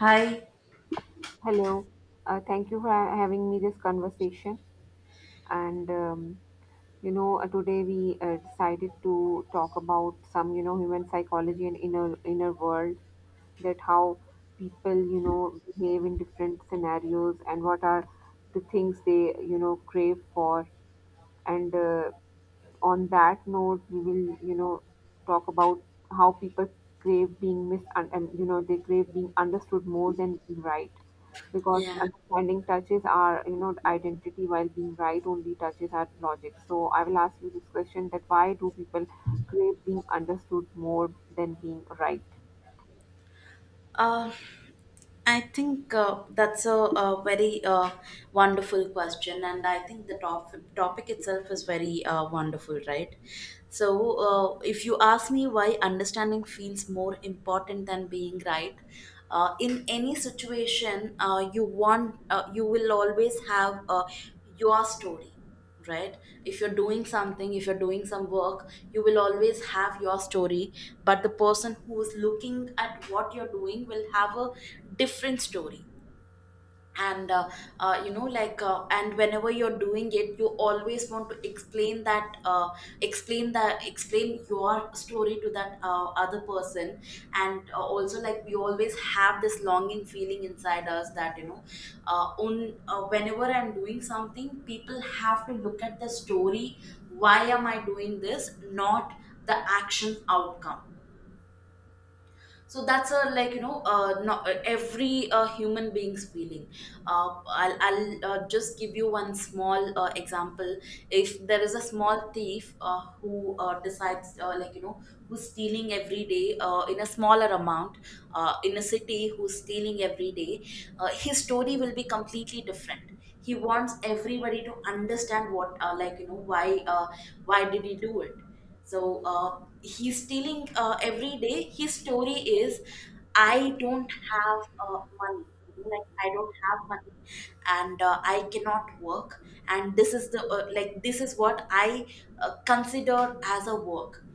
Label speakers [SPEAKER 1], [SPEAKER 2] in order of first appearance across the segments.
[SPEAKER 1] Hi.
[SPEAKER 2] Hello. Thank you for having me this conversation. And um, Today we decided to talk about some, human psychology and inner world. That how people, behave in different scenarios and what are the things they, crave for. And On that note, we will, talk about how people crave being mis and they crave being understood more than being right, because
[SPEAKER 1] Yeah,
[SPEAKER 2] understanding touches our identity, while being right only touches our logic. So I will ask you this question: that why do people crave being understood more than being right?
[SPEAKER 1] Uh, I think that's a very wonderful question, and I think the topic itself is very wonderful, right? So, if you ask me why understanding feels more important than being right, in any situation, you will always have your story, right? If you're doing something, if you're doing some work, you will always have your story, but the person who is looking at what you're doing will have a different story. And uh, uh, you know like uh, and whenever you're doing it, you always want to explain your story to that other person. And also, like, we always have this longing feeling inside us, that, you know, on whenever I'm doing something, people have to look at the story, why am I doing this, not the action outcome. So that's a, like, you know, not every human being's feeling. I'll just give you one small example. If there is a small thief, who decides, like, you know, who's stealing every day, in a smaller amount, in a city, who's stealing every day, his story will be completely different. He wants everybody to understand what, like, you know, why did he do it. So, he's telling, every day his story is, "I don't have money. You know, like, I don't have money, and I cannot work, and this is the, like, this is what I consider as a work.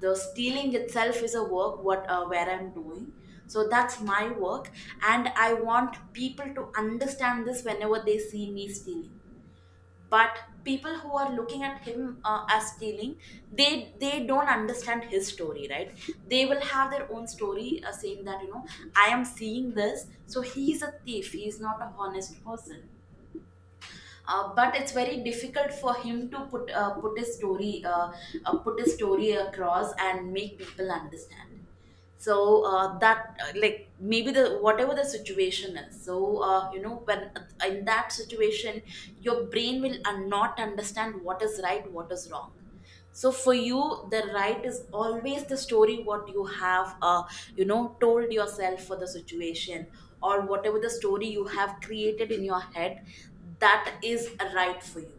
[SPEAKER 1] The stealing itself is a work what, where I'm doing. So that's my work, and I want people to understand this whenever they see me stealing." But people who are looking at him as stealing, they don't understand his story, right? They will have their own story, saying that, you know, I am seeing this, so he is a thief, he is not a honest person. But it's very difficult for him to put his story, across, and make people understand. So that like, maybe, the whatever the situation is, so, you know, when in that situation, your brain will not understand what is right, what is wrong. So for you, the right is always the story what you have, you know, told yourself for the situation, or whatever the story you have created in your head, that is a right for you.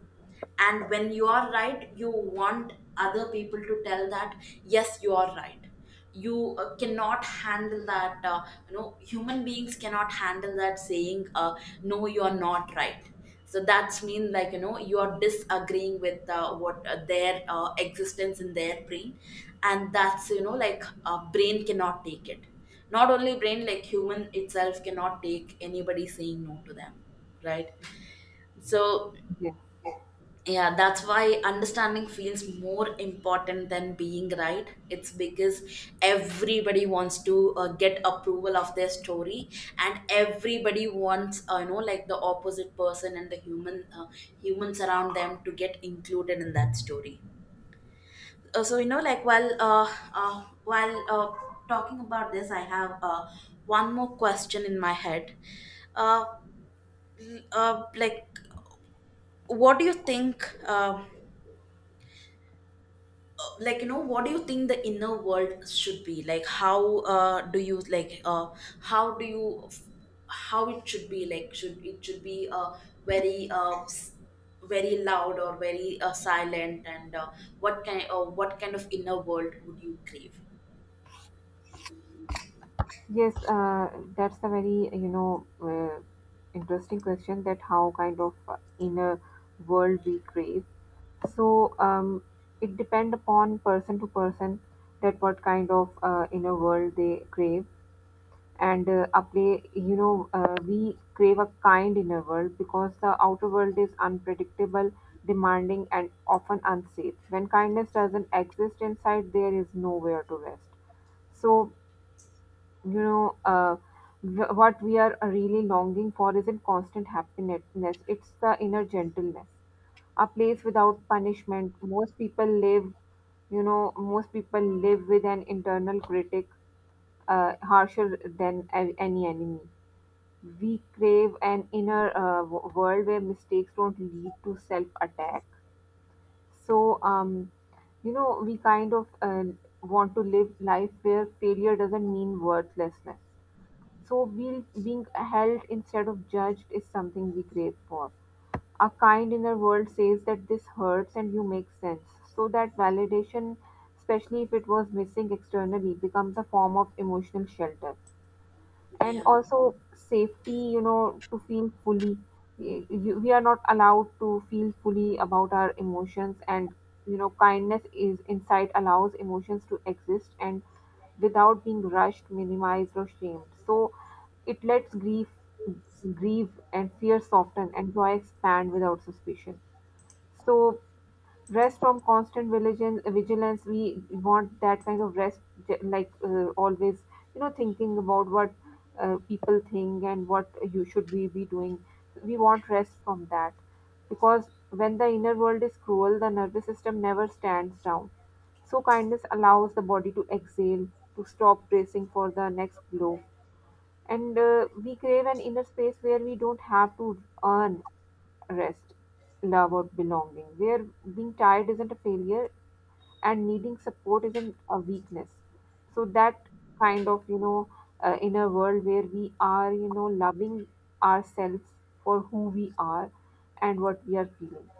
[SPEAKER 1] And when you are right, you want other people to tell that yes, you are right. You cannot handle that, you know, human beings cannot handle that, saying, no, you are not right. So that's mean, like, you know, you are disagreeing with what their existence in their brain, and that's, you know, like, brain cannot take it. Not only brain, like, human itself cannot take anybody saying no to them, right? So
[SPEAKER 2] Yeah.
[SPEAKER 1] yeah, that's why understanding feels more important than being right. It's because everybody wants to get approval of their story, and everybody wants, you know, like, the opposite person and the humans around them to get included in that story. So, you know, like, while talking about this, I have one more question in my head. Uh, like, what do you think? Like, you know, what do you think the inner world should be like? How do you like how do you how it should be like? Should it, should be very very loud, or very silent? And what kind of inner world would you crave?
[SPEAKER 2] Yes, that's a very, interesting question, that how kind of inner world we crave. So, it depend upon person to person that what kind of inner world they crave. And a play, we crave a kind inner world because the outer world is unpredictable, demanding, and often unsafe. When kindness doesn't exist inside, there is nowhere to rest. So you know uh, what we are really longing for isn't constant happiness, it's the inner gentleness, a place without punishment. Most people live, most people live with an internal critic harsher than any enemy. We crave an inner world where mistakes don't lead to self attack. So, we kind of want to live life where failure doesn't mean worthlessness. So, we, being held instead of judged is something we crave for. A kind inner world says that this hurts and you make sense. So, that validation, especially if it was missing externally, becomes a form of emotional shelter, and
[SPEAKER 1] Yeah.
[SPEAKER 2] also safety, to feel fully. We are not allowed to feel fully about our emotions. And kindness is insight, allows emotions to exist and without being rushed, minimized or shamed. So it lets grief grieve, and fear soften, and joy expand without suspicion. So, rest from constant vigilance, we want that kind of rest. Always thinking about what people think and what you should we be doing, we want rest from that, because when the inner world is cruel the nervous system never stands down. So kindness allows the body to exhale, to stop bracing for the next blow. And we crave an inner space where we don't have to earn rest, love, or belonging, where being tired isn't a failure and needing support isn't a weakness. So that kind of, inner world where we are, loving ourselves for who we are and what we are feeling.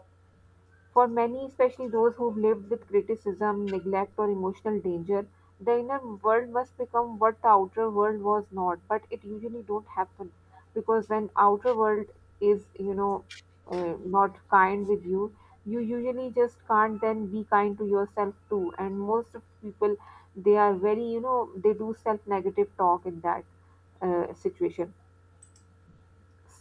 [SPEAKER 2] For many, especially those who've lived with criticism, neglect, or emotional danger, the inner world must become what the outer world was not. But it usually don't happen, because when outer world is, not kind with you, you usually just can't then be kind to yourself too. And most of people, they are very, they do self-negative talk in that situation.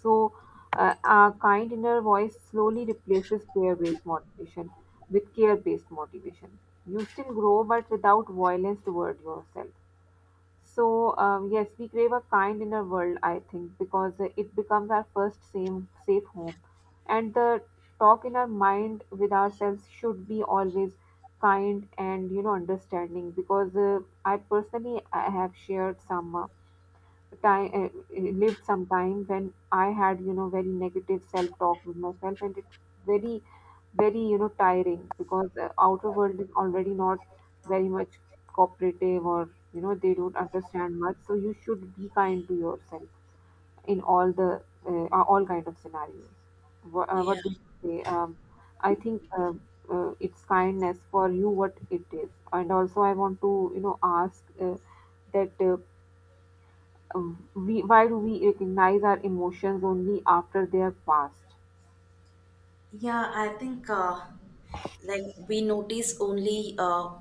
[SPEAKER 2] So, our kind inner voice slowly replaces fear based motivation with care based motivation. You still grow, but without violence toward yourself. So, yes, we crave a kind inner world, I think, because it becomes our first same safe home. And the talk in our mind with ourselves should be always kind and understanding, because I personally I have shared some time, lived some time when I had, very negative self talk with myself, and it's very, very, tiring, because the outer world is already not very much cooperative, or they don't understand much. So you should be kind to yourself in all the, all kind of scenarios.
[SPEAKER 1] Yeah.
[SPEAKER 2] What do you say? I think, it's kindness for you what it is. And also I want to, ask, that. We, why do we recognize our emotions only after they are past?
[SPEAKER 1] Yeah, I think like, we notice only uh,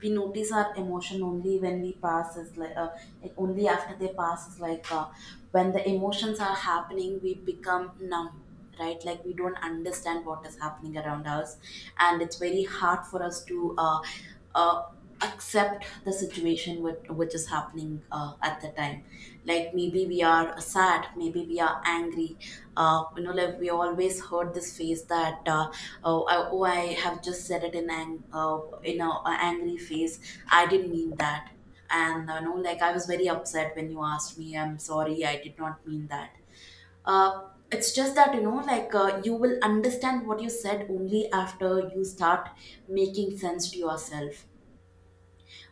[SPEAKER 1] we notice our emotion only when we pass is like only after they pass, is like, when the emotions are happening, we become numb, right? Like, we don't understand what is happening around us, and it's very hard for us to uh, accept the situation which is happening at the time. Like, maybe we are sad, maybe we are angry. You know, like, we always heard this phrase that, oh, I have just said it in in a angry phase, I didn't mean that. And, you know, like, I was very upset when you asked me, I'm sorry, I did not mean that. uh, it's just that, you know, like, you will understand what you said only after you start making sense to yourself.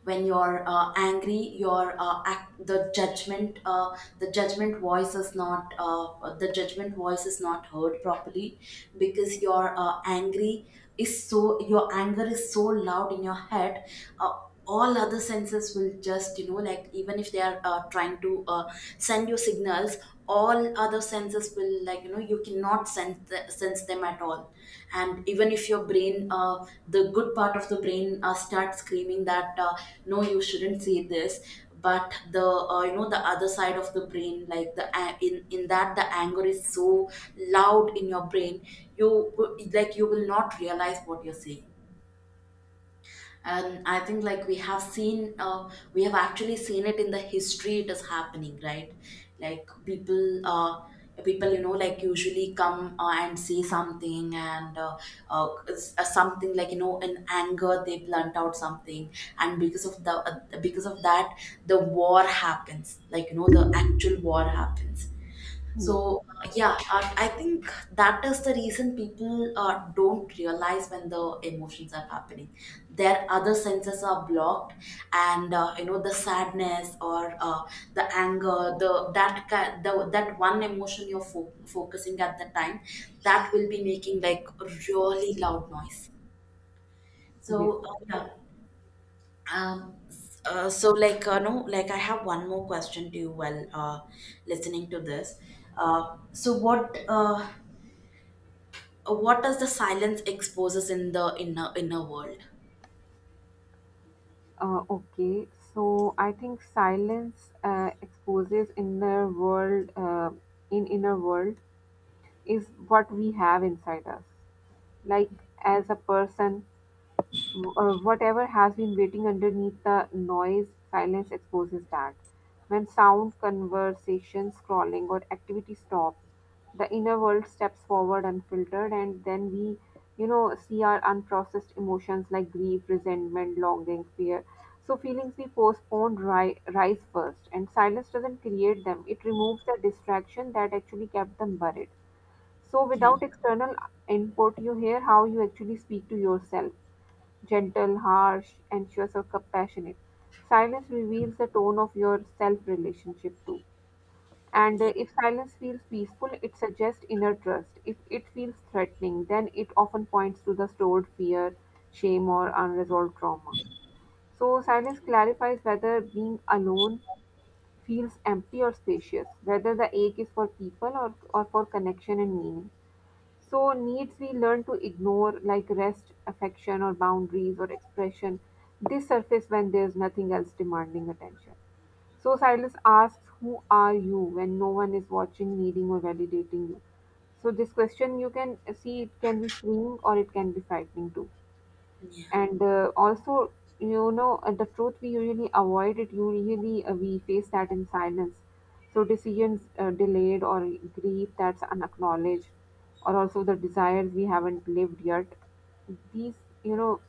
[SPEAKER 1] When you're angry, your the judgment, the judgment voice is not the judgment voice is not heard properly, because your angry is so your anger is so loud in your head. uh, all other senses will just, you know, like, even if they are trying to send you signals, all other senses will, like, you know, you cannot sense them at all. And even if your brain, the good part of the brain, starts screaming that, no, you shouldn't see this, but the, you know, the other side of the brain, like, the a- in that, the anger is so loud in your brain, like, you will not realize what you're saying. And I think, like, we have actually seen it in the history, it is happening, right? Like, people, you know, like, usually come and see something, and something, like, you know, in anger, they blunt out something, and because of the, because of that, the war happens, like, you know, the actual war happens. So
[SPEAKER 2] Yes.
[SPEAKER 1] yeah, I think that is the reason people don't realize when the emotions are happening. Their other senses are blocked, and you know, the sadness, or the anger, the that ki- the that one emotion you're focusing at the time, that will be making, like, really loud noise.
[SPEAKER 2] Yes.
[SPEAKER 1] So yeah. So, like, no, like, I have one more question to you while listening to this. So what does the silence exposes in the inner world?
[SPEAKER 2] Okay. So I think silence exposes inner world in Inner world is what we have inside us, like as a person, or whatever has been waiting underneath the noise. Silence exposes that. When sound, conversation, scrolling, or activity stop, the inner world steps forward unfiltered, and then we, see our unprocessed emotions like grief, resentment, longing, fear. So, feelings we postponed rise first, and silence doesn't create them, it removes the distraction that actually kept them buried. So,
[SPEAKER 1] Yeah.
[SPEAKER 2] without external input, you hear how you actually speak to yourself: gentle, harsh, anxious, or compassionate. Silence reveals the tone of your self relationship too. And
[SPEAKER 1] Yeah,
[SPEAKER 2] uh, if silence feels peaceful, it suggests inner trust. If it feels threatening, then it often points to the stored fear, shame, or unresolved trauma. So, silence clarifies whether being alone feels empty or spacious, whether the ache is for people, or for connection and meaning. So, needs we learn to ignore, like rest, affection, or boundaries or expression, they surface when there's nothing else demanding attention. So, Silas asks, who are you when no one is watching, needing, or validating you? So, this question, you can see, it can be freeing or it can be frightening too.
[SPEAKER 1] yeah,
[SPEAKER 2] And also, the truth we usually avoid, it usually, we face that in silence. So decisions delayed, or grief that's unacknowledged, or also the desires we haven't lived yet, these, you know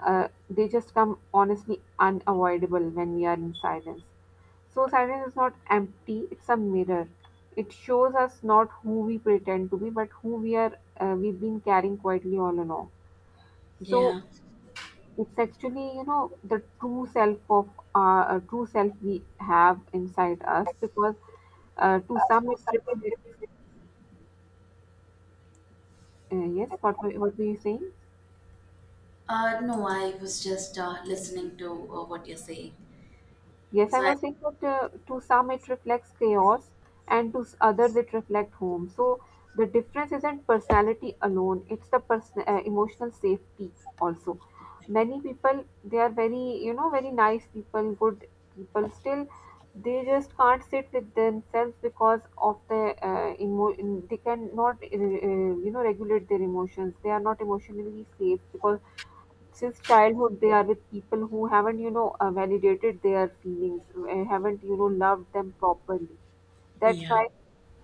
[SPEAKER 2] they just come honestly unavoidable when we are in silence. So silence is not empty, it's a mirror. It shows us not who we pretend to be but who we are, we've been carrying quietly all along. So
[SPEAKER 1] yeah.
[SPEAKER 2] it's actually, the true self of our, true self we have inside us, because to some it reflects, yes, what were you saying?
[SPEAKER 1] No, I was just listening to what you're saying.
[SPEAKER 2] Yes,
[SPEAKER 1] So
[SPEAKER 2] I
[SPEAKER 1] I,
[SPEAKER 2] was saying that, to some it reflects chaos and to others it reflects home. So the difference isn't personality alone, it's the person, emotional safety also. Many people, they are very, very nice people, good people, still they just can't sit with themselves, because of the, they cannot, regulate their emotions. They are not emotionally safe, because since childhood they are with people who haven't, validated their feelings, haven't, loved them properly. That's
[SPEAKER 1] yeah,
[SPEAKER 2] why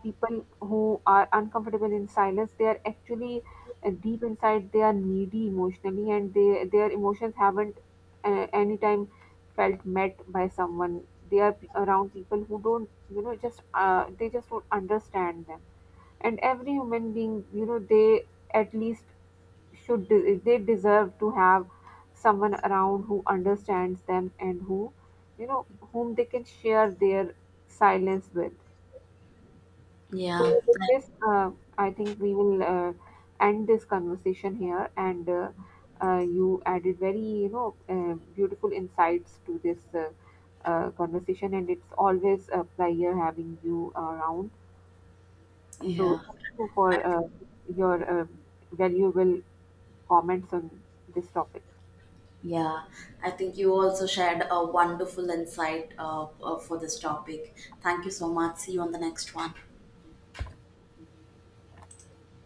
[SPEAKER 2] people who are uncomfortable in silence, they are actually, deep inside they are needy emotionally, and they their emotions haven't, anytime felt met by someone. They are around people who don't, you know just they just don't understand them. And every human being, they, at least, should they deserve to have someone around who understands them and who, you know whom they can share their silence with.
[SPEAKER 1] yeah,
[SPEAKER 2] So with this, I think we will, end this conversation here. And you added very, beautiful insights to this, conversation, and it's always a pleasure having you around. So
[SPEAKER 1] yeah.
[SPEAKER 2] thank you for
[SPEAKER 1] I think,
[SPEAKER 2] your valuable comments on this topic.
[SPEAKER 1] yeah, I think you also shared a wonderful insight for this topic. Thank you so much. See you on the next one.